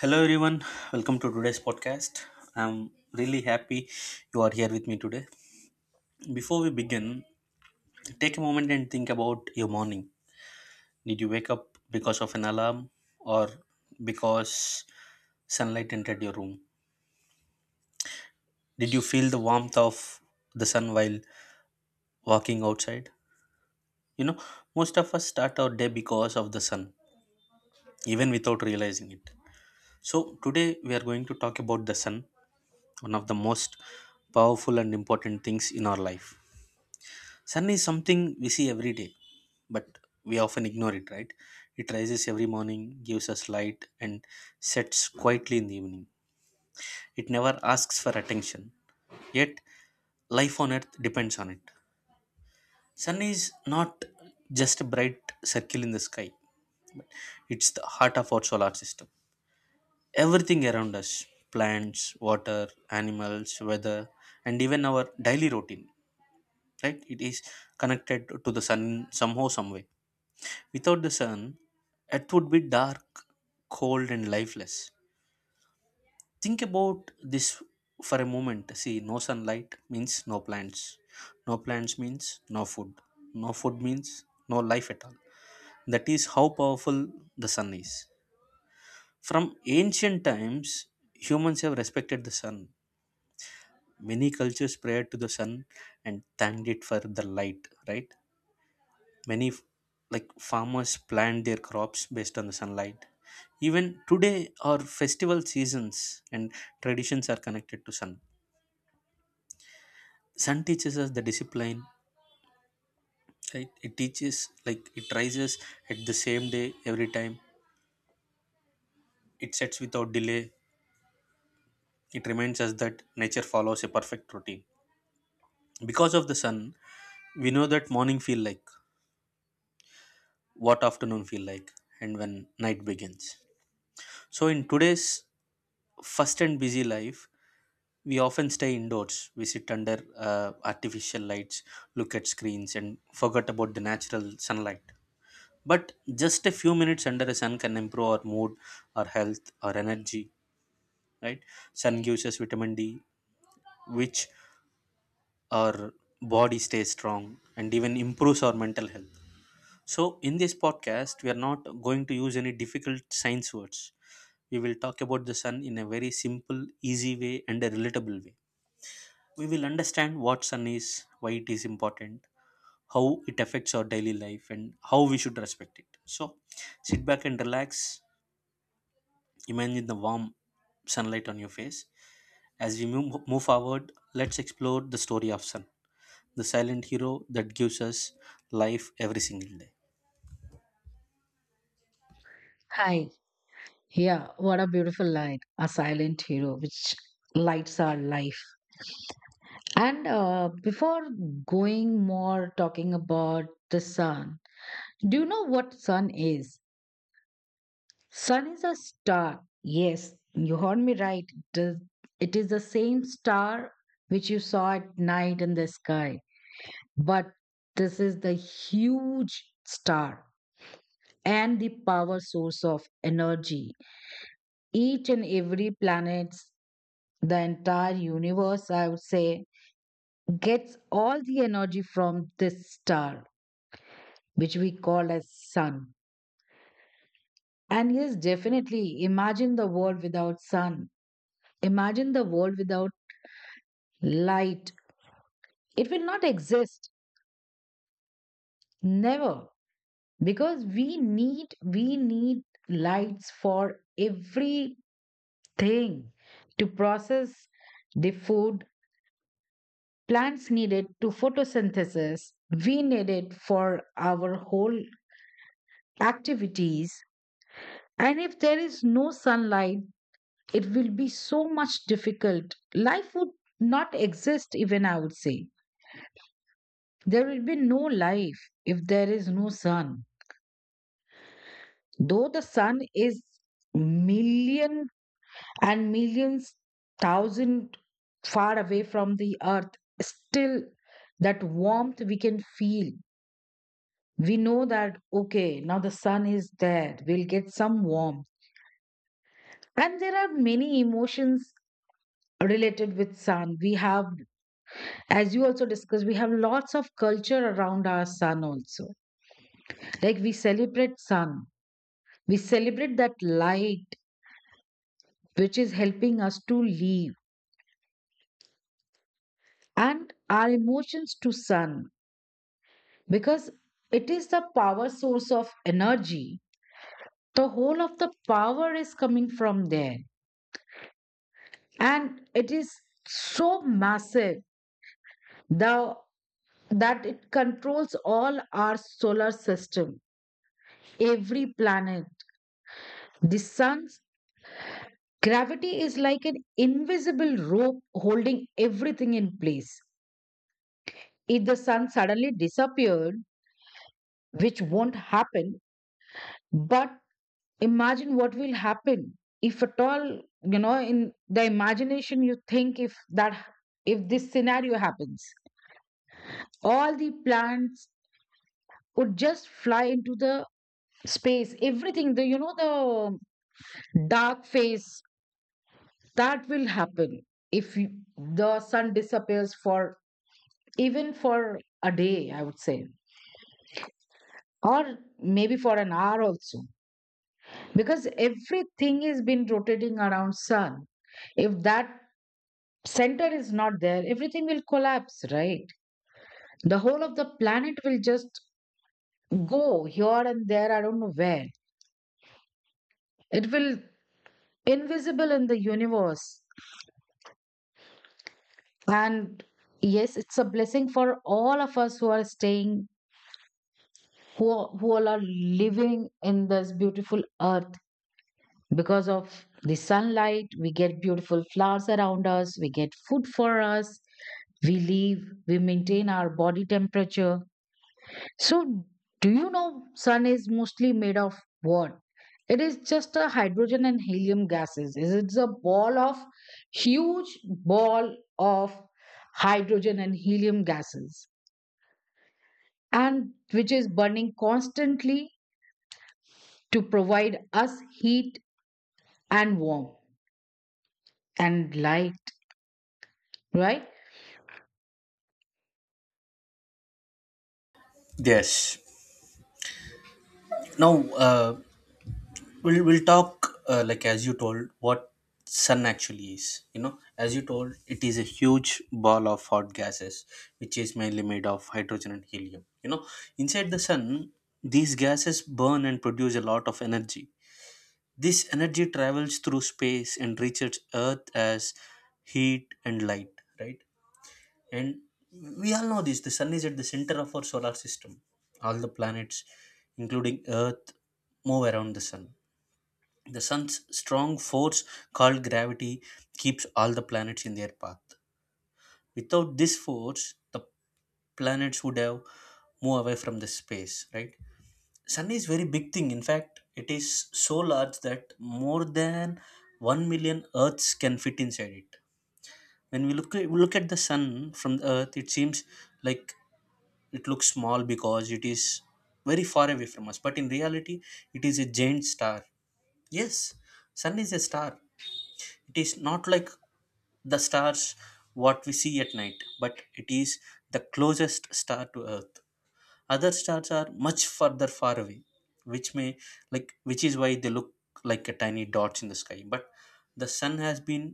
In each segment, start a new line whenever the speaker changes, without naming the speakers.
Hello, everyone. Welcome to today's podcast. I'm really happy you are here with me today. Before we begin, take a moment and think about your morning. Did you wake up because of an alarm or because sunlight entered your room? Did you feel the warmth of the sun while walking outside? You know, most of us start our day because of the sun, even without realizing it. So, today we are going to talk about the sun, one of the most powerful and important things in our life. Sun is something we see every day, but we often ignore it, right? It rises every morning, gives us light, and sets quietly in the evening. It never asks for attention, yet life on earth depends on it. Sun is not just a bright circle in the sky, it's the heart of our solar system. Everything around us, plants, water, animals, weather, and even our daily routine, right? It is connected to the sun somehow, some way. Without the sun, Earth would be dark, cold, and lifeless. Think about this for a moment. See, no sunlight means no plants. No plants means no food. No food means no life at all. That is how powerful the sun is. From ancient times, humans have respected the sun. Many cultures prayed to the sun and thanked it for the light, right? many f- like farmers plant their crops based on the sunlight. Even today, our festival seasons and traditions are connected to sun. Sun teaches us the discipline, right? It teaches, like, it rises at the same day every time, it sets without delay. It reminds us that nature follows a perfect routine. Because of the sun, we know that morning feel like, what afternoon feel like, and when night begins. So in today's fast and busy life, we often stay indoors, we sit under artificial lights, look at screens, and forget about the natural sunlight. But just a few minutes under the sun can improve our mood, our health, our energy, right? Sun gives us vitamin D, which our body stays strong and even improves our mental health. So, in this podcast, we are not going to use any difficult science words. We will talk about the sun in a very simple, easy way and a relatable way. We will understand what sun is, why it is important, how it affects our daily life, and how we should respect it. So, sit back and relax. Imagine the warm sunlight on your face. As we move forward, let's explore the story of sun, the silent hero that gives us life every single day.
Hi. Yeah, what a beautiful line. A silent hero which lights our life. And before going more talking about the sun, do you know what sun is? Sun is a star. Yes, you heard me right. The- It is the same star which you saw at night in the sky. But this is the huge star and the power source of energy each and every planet, the entire universe, I would say, gets all the energy from this star, which we call as sun. And yes, definitely imagine the world without sun. Imagine the world without light. It will not exist. Never. Because we need lights for everything to process the food. Plants need it to photosynthesis. We need it for our whole activities, and if there is no sunlight it will be so much difficult, life would not exist, even I would say there will be no life if there is no sun. Though the sun is million and millions thousand far away from the earth, still that warmth we can feel. We know that okay, now the sun is there, we'll get some warmth. And there are many emotions related with sun we have. As you also discussed, we have lots of culture around our sun also, like we celebrate sun, we celebrate that light which is helping us to live. And our emotions to sun, because it is the power source of energy, the whole of the power is coming from there. And it is so massive, the, that it controls all our solar system, every planet. The sun's gravity is like an invisible rope holding everything in place. If the sun suddenly disappeared, which won't happen, but imagine what will happen if at all, you know, in the imagination you think if this scenario happens. All the plants would just fly into the space. Everything, the dark phase that will happen if you- the sun disappears for even for a day, I would say, or maybe for an hour also, because everything has been rotating around sun. If that center is not there, everything will collapse, right? The whole of the planet will just go here and there, I don't know where. It will invisible in the universe. And yes, it's a blessing for all of us who are staying, who all are living in this beautiful earth. Because of the sunlight, we get beautiful flowers around us, we get food for us, we live, we maintain our body temperature. So, do you know sun is mostly made of what? It is just a hydrogen and helium gases. Is It's a ball of, huge ball of hydrogen and helium gases, and which is burning constantly to provide us heat and warmth and light, right?
Yes. Now, uh, we'll talk, like as you told, what sun actually is. You know, as you told, it is a huge ball of hot gases, which is mainly made of hydrogen and helium. You know, inside the sun these gases burn and produce a lot of energy. This energy travels through space and reaches earth as heat and light, right? And we all know this, the sun is at the center of our solar system. All the planets, including earth, move around the sun. The sun's strong force, called gravity, keeps all the planets in their path. Without this force, the planets would have moved away from the space, right? Sun is very big thing. In fact, it is so large that more than 1 million Earths can fit inside it. When we look at the sun from the Earth, it seems like it looks small because it is very far away from us. But in reality, it is a giant star. Yes, sun is a star. It is not like the stars what we see at night, but it is the closest star to earth. Other stars are much further far away, which may, like, which is why they look like a tiny dots in the sky. But the sun has been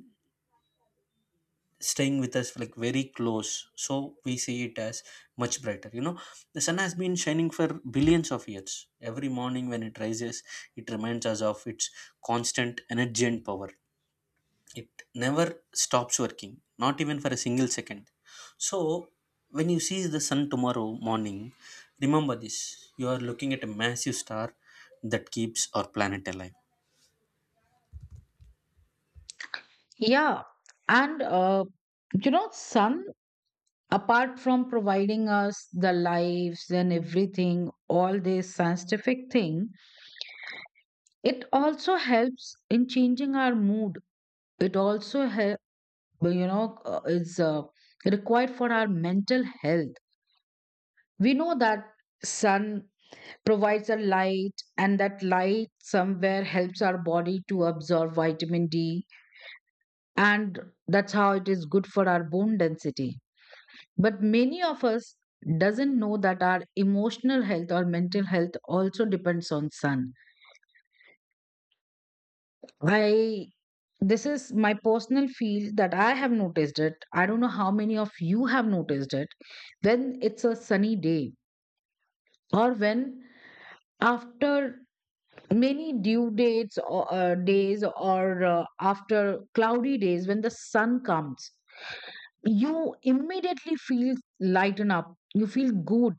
staying with us like very close, so we see it as much brighter. You know, the sun has been shining for billions of years. Every morning when it rises, it reminds us of its constant energy and power. It never stops working, not even for a single second. So when you see the sun tomorrow morning, remember this: you are looking at a massive star that keeps our planet alive.
Yeah, and you know, sun, apart from providing us the lives and everything, all this scientific thing, it also helps in changing our mood. It also help, you know, is required for our mental health. We know that sun provides a light, and that light somewhere helps our body to absorb vitamin D, and that's how it is good for our bone density. But many of us doesn't know that our emotional health or mental health also depends on sun. I This is my personal feel that I have noticed it. I don't know how many of you have noticed it. When it's a sunny day, or when after many due dates or days, or after cloudy days when the sun comes, you immediately feel lighten up, you feel good,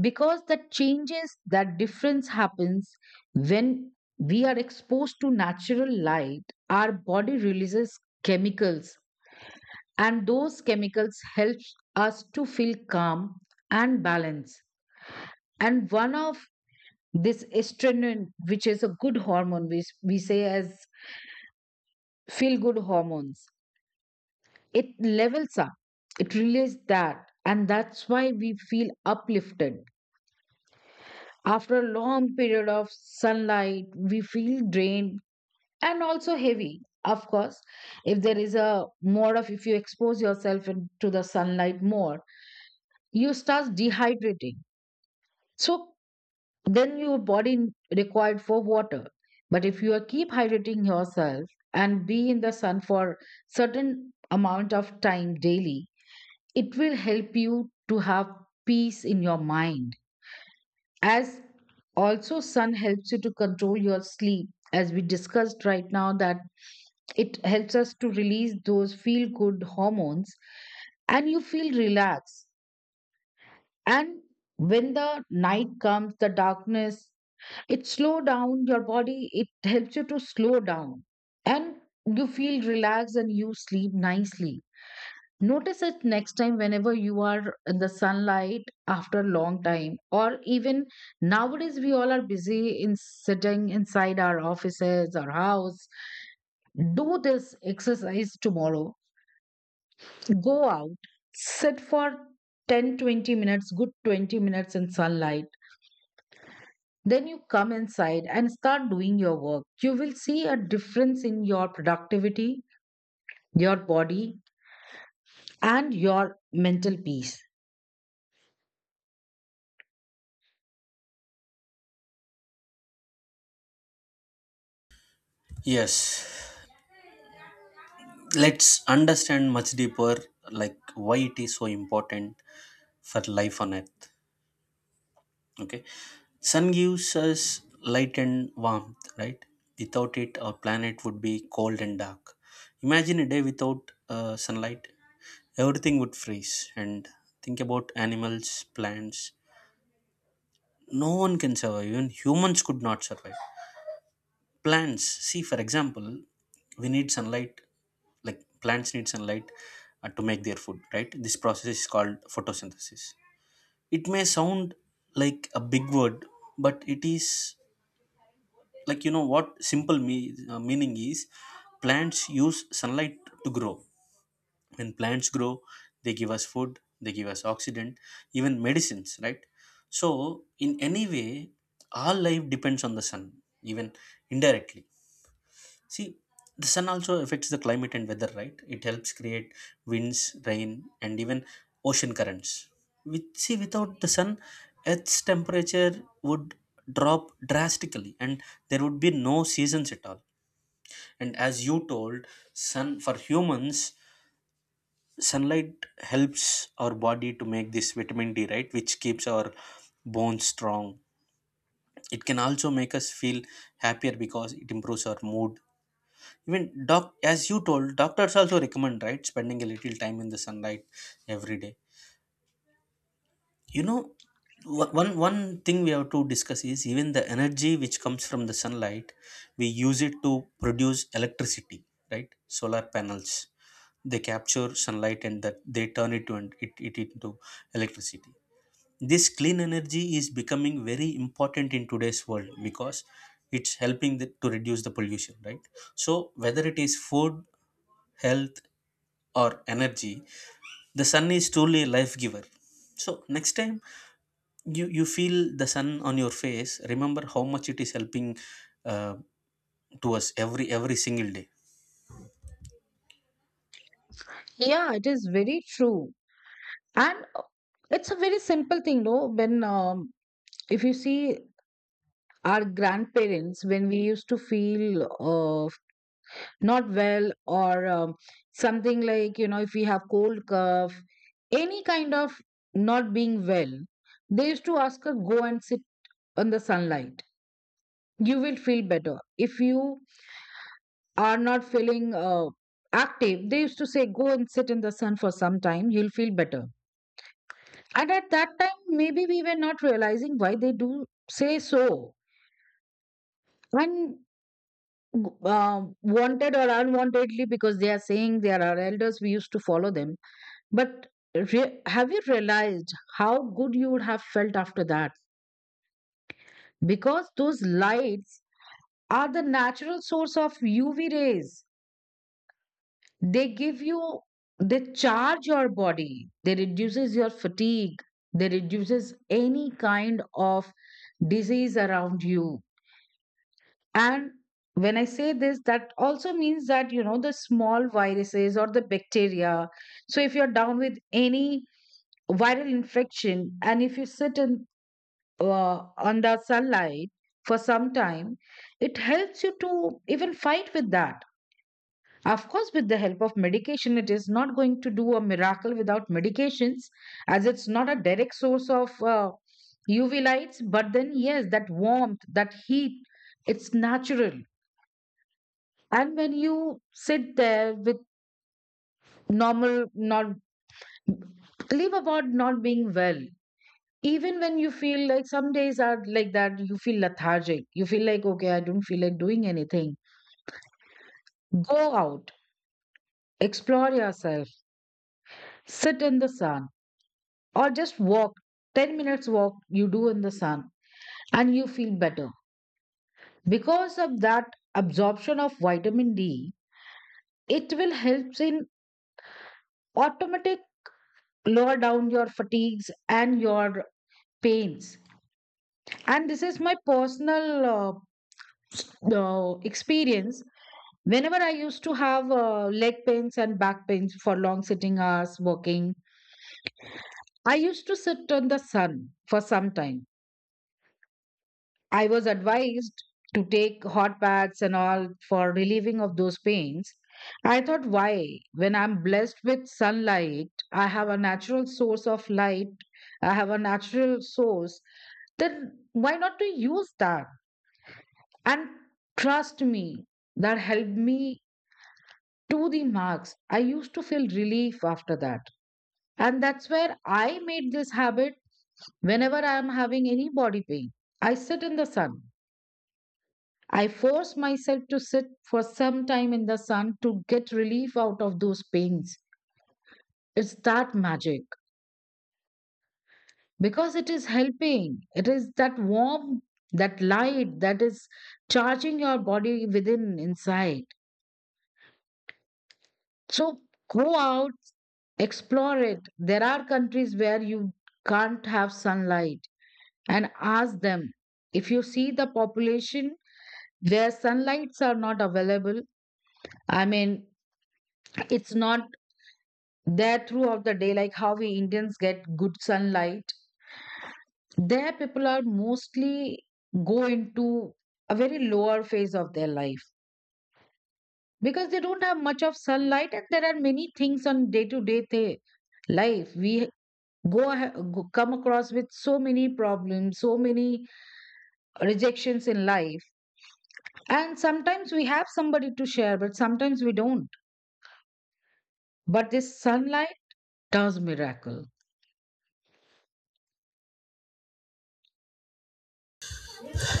because that changes, that difference happens. When we are exposed to natural light, our body releases chemicals, and those chemicals help us to feel calm and balance. And one of this estrin, which is a good hormone which we say as feel good hormones, it levels up, it releases that, and that's why we feel uplifted. After a long period of sunlight, we feel drained and also heavy. Of course, if there is a more of, if you expose yourself to the sunlight more, you start dehydrating. So then your required for water. But if you are keep hydrating yourself and be in the sun for certain amount of time daily, it will help you to have peace in your mind. As also sun helps you to control your sleep, as we discussed right now, that it helps us to release those feel good hormones and you feel relaxed. And when the night comes, the darkness, it slow down your body, it helps you to slow down, and you feel relaxed and you sleep nicely. Notice it next time whenever you are in the sunlight after a long time, or even nowadays, we all are busy in sitting inside our offices or house. Do this exercise tomorrow. Go out, sit for 10, 20 minutes, good 20 minutes in sunlight. Then you come inside and start doing your work. You will see a difference in your productivity, your body, and your mental peace.
Yes, let's understand much deeper, like why it is so important for life on earth. Okay, sun gives us light and warmth, right? Without it, our planet would be cold and dark. Imagine a day without sunlight. Everything would freeze. And think about animals, plants, no one can survive, even humans could not survive. Plants, see for example, we need sunlight, like plants need sunlight to make their food, right? This process is called photosynthesis. It may sound like a big word, but it is, like, you know what, simple meaning is plants use sunlight to grow. When plants grow, they give us food, they give us oxygen, even medicines, right? So in any way, our life depends on the sun, even indirectly. See, the sun also affects the climate and weather, right? It helps create winds, rain, and even ocean currents. With, see, without the sun, earth's temperature would drop drastically, and there would be no seasons at all. And as you told, sun for humans, sunlight helps our body to make this vitamin D, right, which keeps our bones strong. It can also make us feel happier because it improves our mood. Even doc, as you told, doctors also recommend, right, spending a little time in the sunlight every day. You know, one thing we have to discuss is even the energy which comes from the sunlight, we use it to produce electricity, right? Solar panels, they capture sunlight and that they turn it to, and it into electricity. This clean energy is becoming very important in today's world because it's helping to reduce the pollution, right? So whether it is food, health, or energy, the sun is truly a life giver. So next time you feel the sun on your face, remember how much it is helping, uh, to us every single day.
Yeah, it is very true. And It's a very simple thing, no? When if you see our grandparents, when we used to feel uh, not well, or something like, you know, if we have cold cough, any kind of not being well, they used to ask us go and sit on the sunlight, you will feel better. If you are not feeling active, they used to say go and sit in the sun for some time, you'll feel better. And at that time, maybe we were not realizing why they do say so. And wanted or unwantedly, because they are saying, they are our elders, we used to follow them. But have you realized how good you would have felt after that? Because those lights are the natural source of UV rays. They give you, they charge your body. They reduces your fatigue. They reduces any kind of disease around you. And when I say this, that also means that, you know, the small viruses or the bacteria. So if you're down with any viral infection and if you sit in under sunlight for some time, it helps you to even fight with that. Of course, with the help of medication, it is not going to do a miracle without medications, as it's not a direct source of UV lights. But then, yes, that warmth, that heat, it's natural. And when you sit there with normal, not live about not being well, even when you feel like some days are like that, you feel lethargic. You feel like, okay, I don't feel like doing anything. Go out, explore yourself, sit in the sun, or just walk. 10 minutes walk you do in the sun, and you feel better. Because of that absorption of vitamin D, it will help in automatic lower down your fatigues and your pains. And this is my personal experience. Whenever I used to have leg pains and back pains for long sitting hours working, I used to sit on the sun for some time. I was advised to take hot baths and all for relieving of those pains. I thought why, when I'm blessed with sunlight, I have a natural source of light, I have a natural source, then why not to use that? And trust me, that helped me to the marks. I used to feel relief after that. And that's where I made this habit, whenever I am having any body pain. I sit in the sun. I force myself to sit for some time in the sun to get relief out of those pains. It's that magic, because it is helping. It is that warmth, that light that is charging your body within, inside. So go out, explore it. There are countries where you can't have sunlight, and ask them. If you see the population, their sunlights are not available. I mean, it's not there throughout the day, like how we Indians get good sunlight. Their people are mostly go into a very lower phase of their life because they don't have much of sunlight. And there are many things on day to day life. We go, go come across with so many problems, so many rejections in life, and sometimes we have somebody to share, but sometimes we don't. But this sunlight does miracle.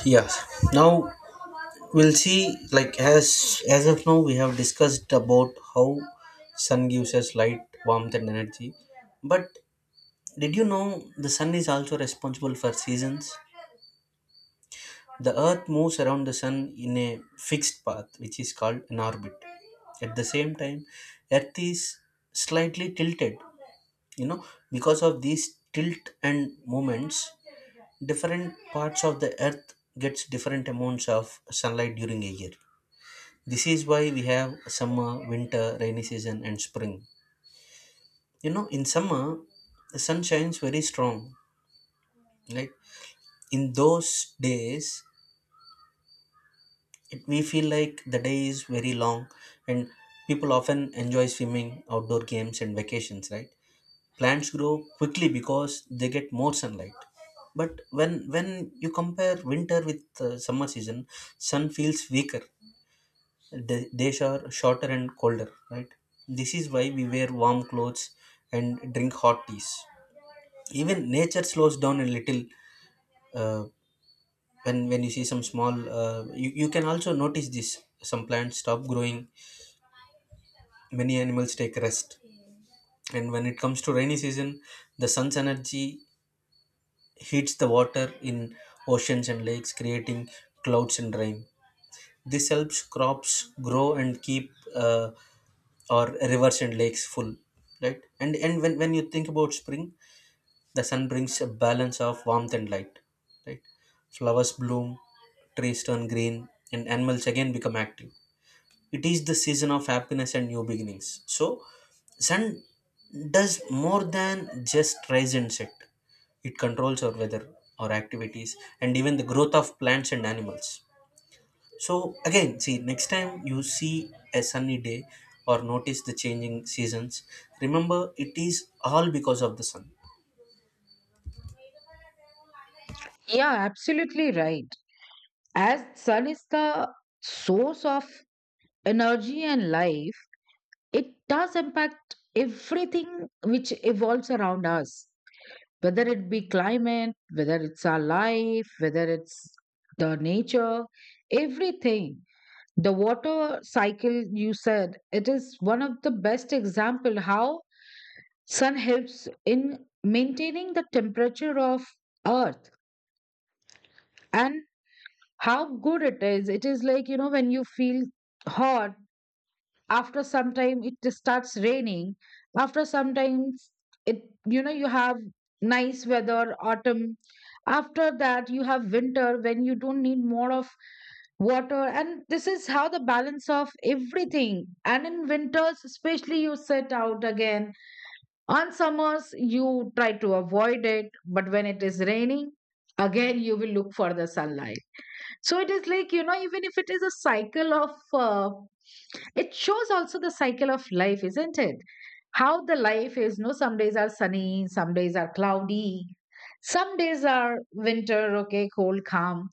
Yeah, now we'll see, like, as of now, we have discussed about how sun gives us light, warmth, and energy. But did you know the sun is also responsible for seasons? The earth moves around the sun in a fixed path, which is called an orbit. At the same time, earth is slightly tilted. You know, because of these tilt and movements, different parts of the earth gets different amounts of sunlight during a year. This is why we have summer, winter, rainy season, and spring. You know, in summer the sun shines very strong, like in those days, we feel like the day is very long. And people often enjoy swimming, outdoor games, and vacations, right? Plants grow quickly because they get more sunlight. But when you compare winter with summer season, sun feels weaker. The days are shorter and colder, right? This is why we wear warm clothes and drink hot teas. Even nature slows down a little. Uh, when when you see some small, you can also notice this, some plants stop growing, many animals take rest. And when it comes to rainy season, the sun's energy heats the water in oceans and lakes, creating clouds and rain. This helps crops grow and keep, or rivers and lakes full, right? And when you think about spring, the sun brings a balance of warmth and light, right? Flowers bloom, trees turn green, and animals again become active. It is the season of happiness and new beginnings. So sun does more than just rise and set. It controls our weather, our activities, and even the growth of plants and animals. So again, see, next time you see a sunny day or notice the changing seasons, remember it is all because of the sun.
Yeah, absolutely right. As sun is the source of energy and life, it does impact everything which evolves around us, whether it be climate, whether it's our life, whether it's the nature, everything. The water cycle you said, it is one of the best example how sun helps in maintaining the temperature of earth, and how good it is. It is like, you know, when you feel hot, after some time it just starts raining. After some time, it, you know, you have nice weather, autumn. After that you have winter, when you don't need more of water. And this is how the balance of everything. And in winters especially, you set out again. On summers you try to avoid it, but when it is raining, again you will look for the sunlight. So it is like, you know, even if it is a cycle of it shows also the cycle of life, isn't it? How the life is, no? Some days are sunny, some days are cloudy, some days are winter, okay, cold calm,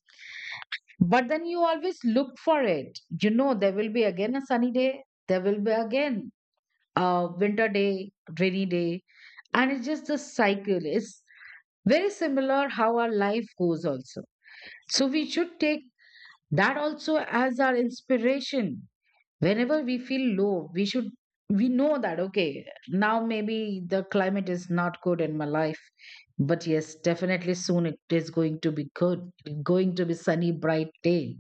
but then you always look for it. You know, there will be again a sunny day, there will be again a winter day, rainy day. And it's just the cycle. It's very similar how our life goes also. So we should take that also as our inspiration. Whenever we feel low, we should, we know that okay, now maybe the climate is not good in my life. But yes, definitely soon it is going to be good, going to be sunny, bright day,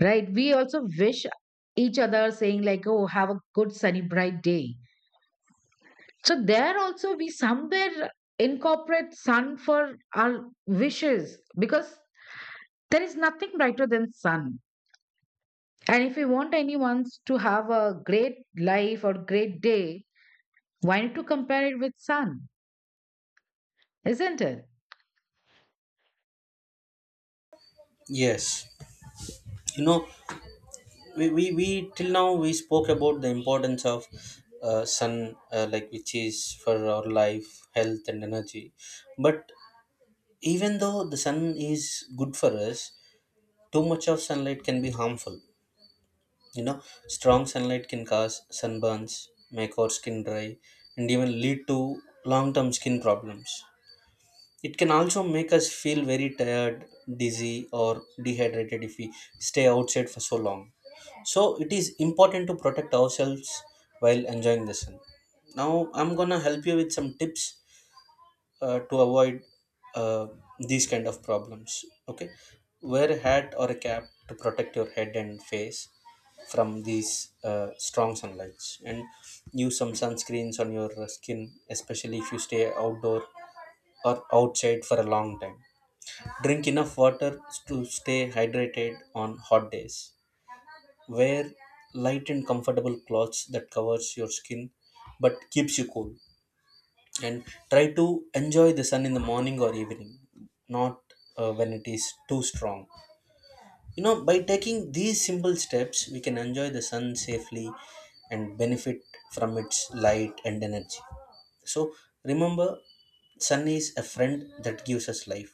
right? We also wish each other saying like, oh, have a good sunny bright day. So there also we somewhere incorporate sun for our wishes, because there is nothing brighter than sun. And if we want anyone to have a great life or great day, why not to compare it with sun? Isn't it?
Yes, you know, we till now we spoke about the importance of sun, like, which is for our life, health, and energy. But even though the sun is good for us, too much of sunlight can be harmful. You know, strong sunlight can cause sunburns, make our skin dry, and even lead to long-term skin problems. It can also make us feel very tired, dizzy, or dehydrated if we stay outside for so long. So, it is important to protect ourselves while enjoying the sun. Now, I'm gonna help you with some tips to avoid uh, these kind of problems. Okay, wear a hat or a cap to protect your head and face from these strong sunlights, and use some sunscreens on your skin, especially if you stay outdoor or outside for a long time. Drink enough water to stay hydrated on hot days. Wear light and comfortable clothes that covers your skin but keeps you cool. And try to enjoy the sun in the morning or evening, not when it is too strong. You know, by taking these simple steps, we can enjoy the sun safely and benefit from its light and energy. So remember, sun is a friend that gives us life,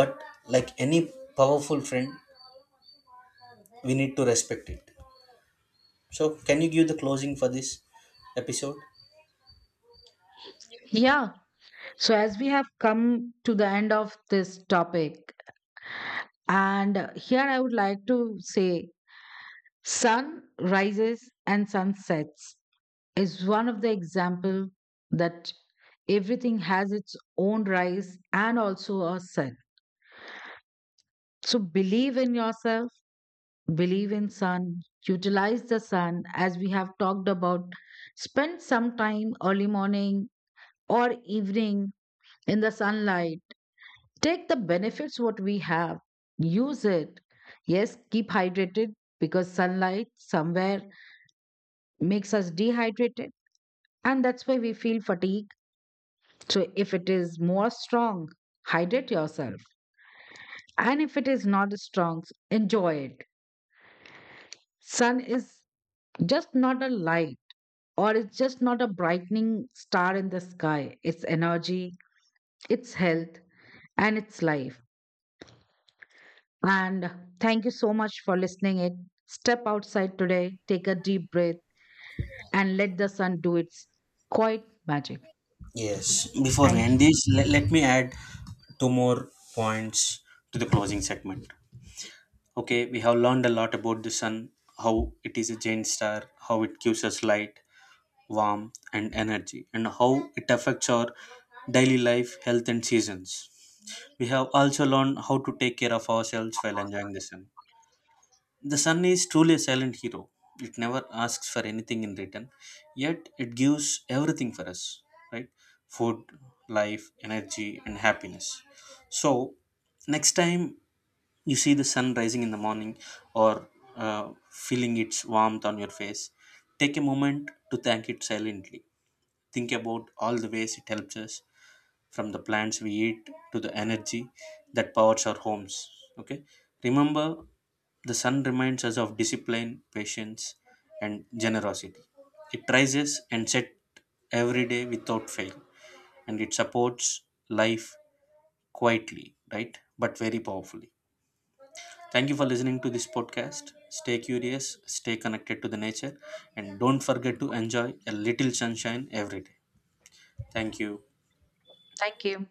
but like any powerful friend, we need to respect it. So can you give the closing for this episode?
Yeah. So as we have come to the end of this topic, and here I would like to say sun rises and sun sets is one of the example that everything has its own rise and also a set. So believe in yourself, believe in sun. Utilize the sun as we have talked about. Spend some time early morning or evening in the sunlight. Take the benefits what we have, use it. Yes, keep hydrated, because sunlight somewhere makes us dehydrated. And that's why we feel fatigue. So if it is more strong, hydrate yourself. And if it is not strong, enjoy it. Sun is just not a light, or it's just not a brightening star in the sky. It's energy, it's health, and it's life. And thank you so much for listening it. Step outside today, take a deep breath and let the sun do its quiet magic.
Yes, before we
Thank you.
end this, let me add two more points to the closing segment. Okay, we have learned a lot about the sun, how it is a giant star, how it gives us light, warmth, and energy, and how it affects our daily life, health, and seasons. We have also learned how to take care of ourselves while enjoying the sun. The sun is truly a silent hero. It never asks for anything in return, yet it gives everything for us, right? Food, life, energy, and happiness. So, next time you see the sun rising in the morning or feeling its warmth on your face, take a moment to thank it silently. Think about all the ways it helps us, from the plants we eat to the energy that powers our homes. Okay, remember, the sun reminds us of discipline, patience, and generosity. It rises and sets every day without fail, and it supports life quietly, right? But very powerfully. Thank you for listening to this podcast. Stay curious, stay connected to the nature, and don't forget to enjoy a little sunshine every day. Thank you.
Thank you.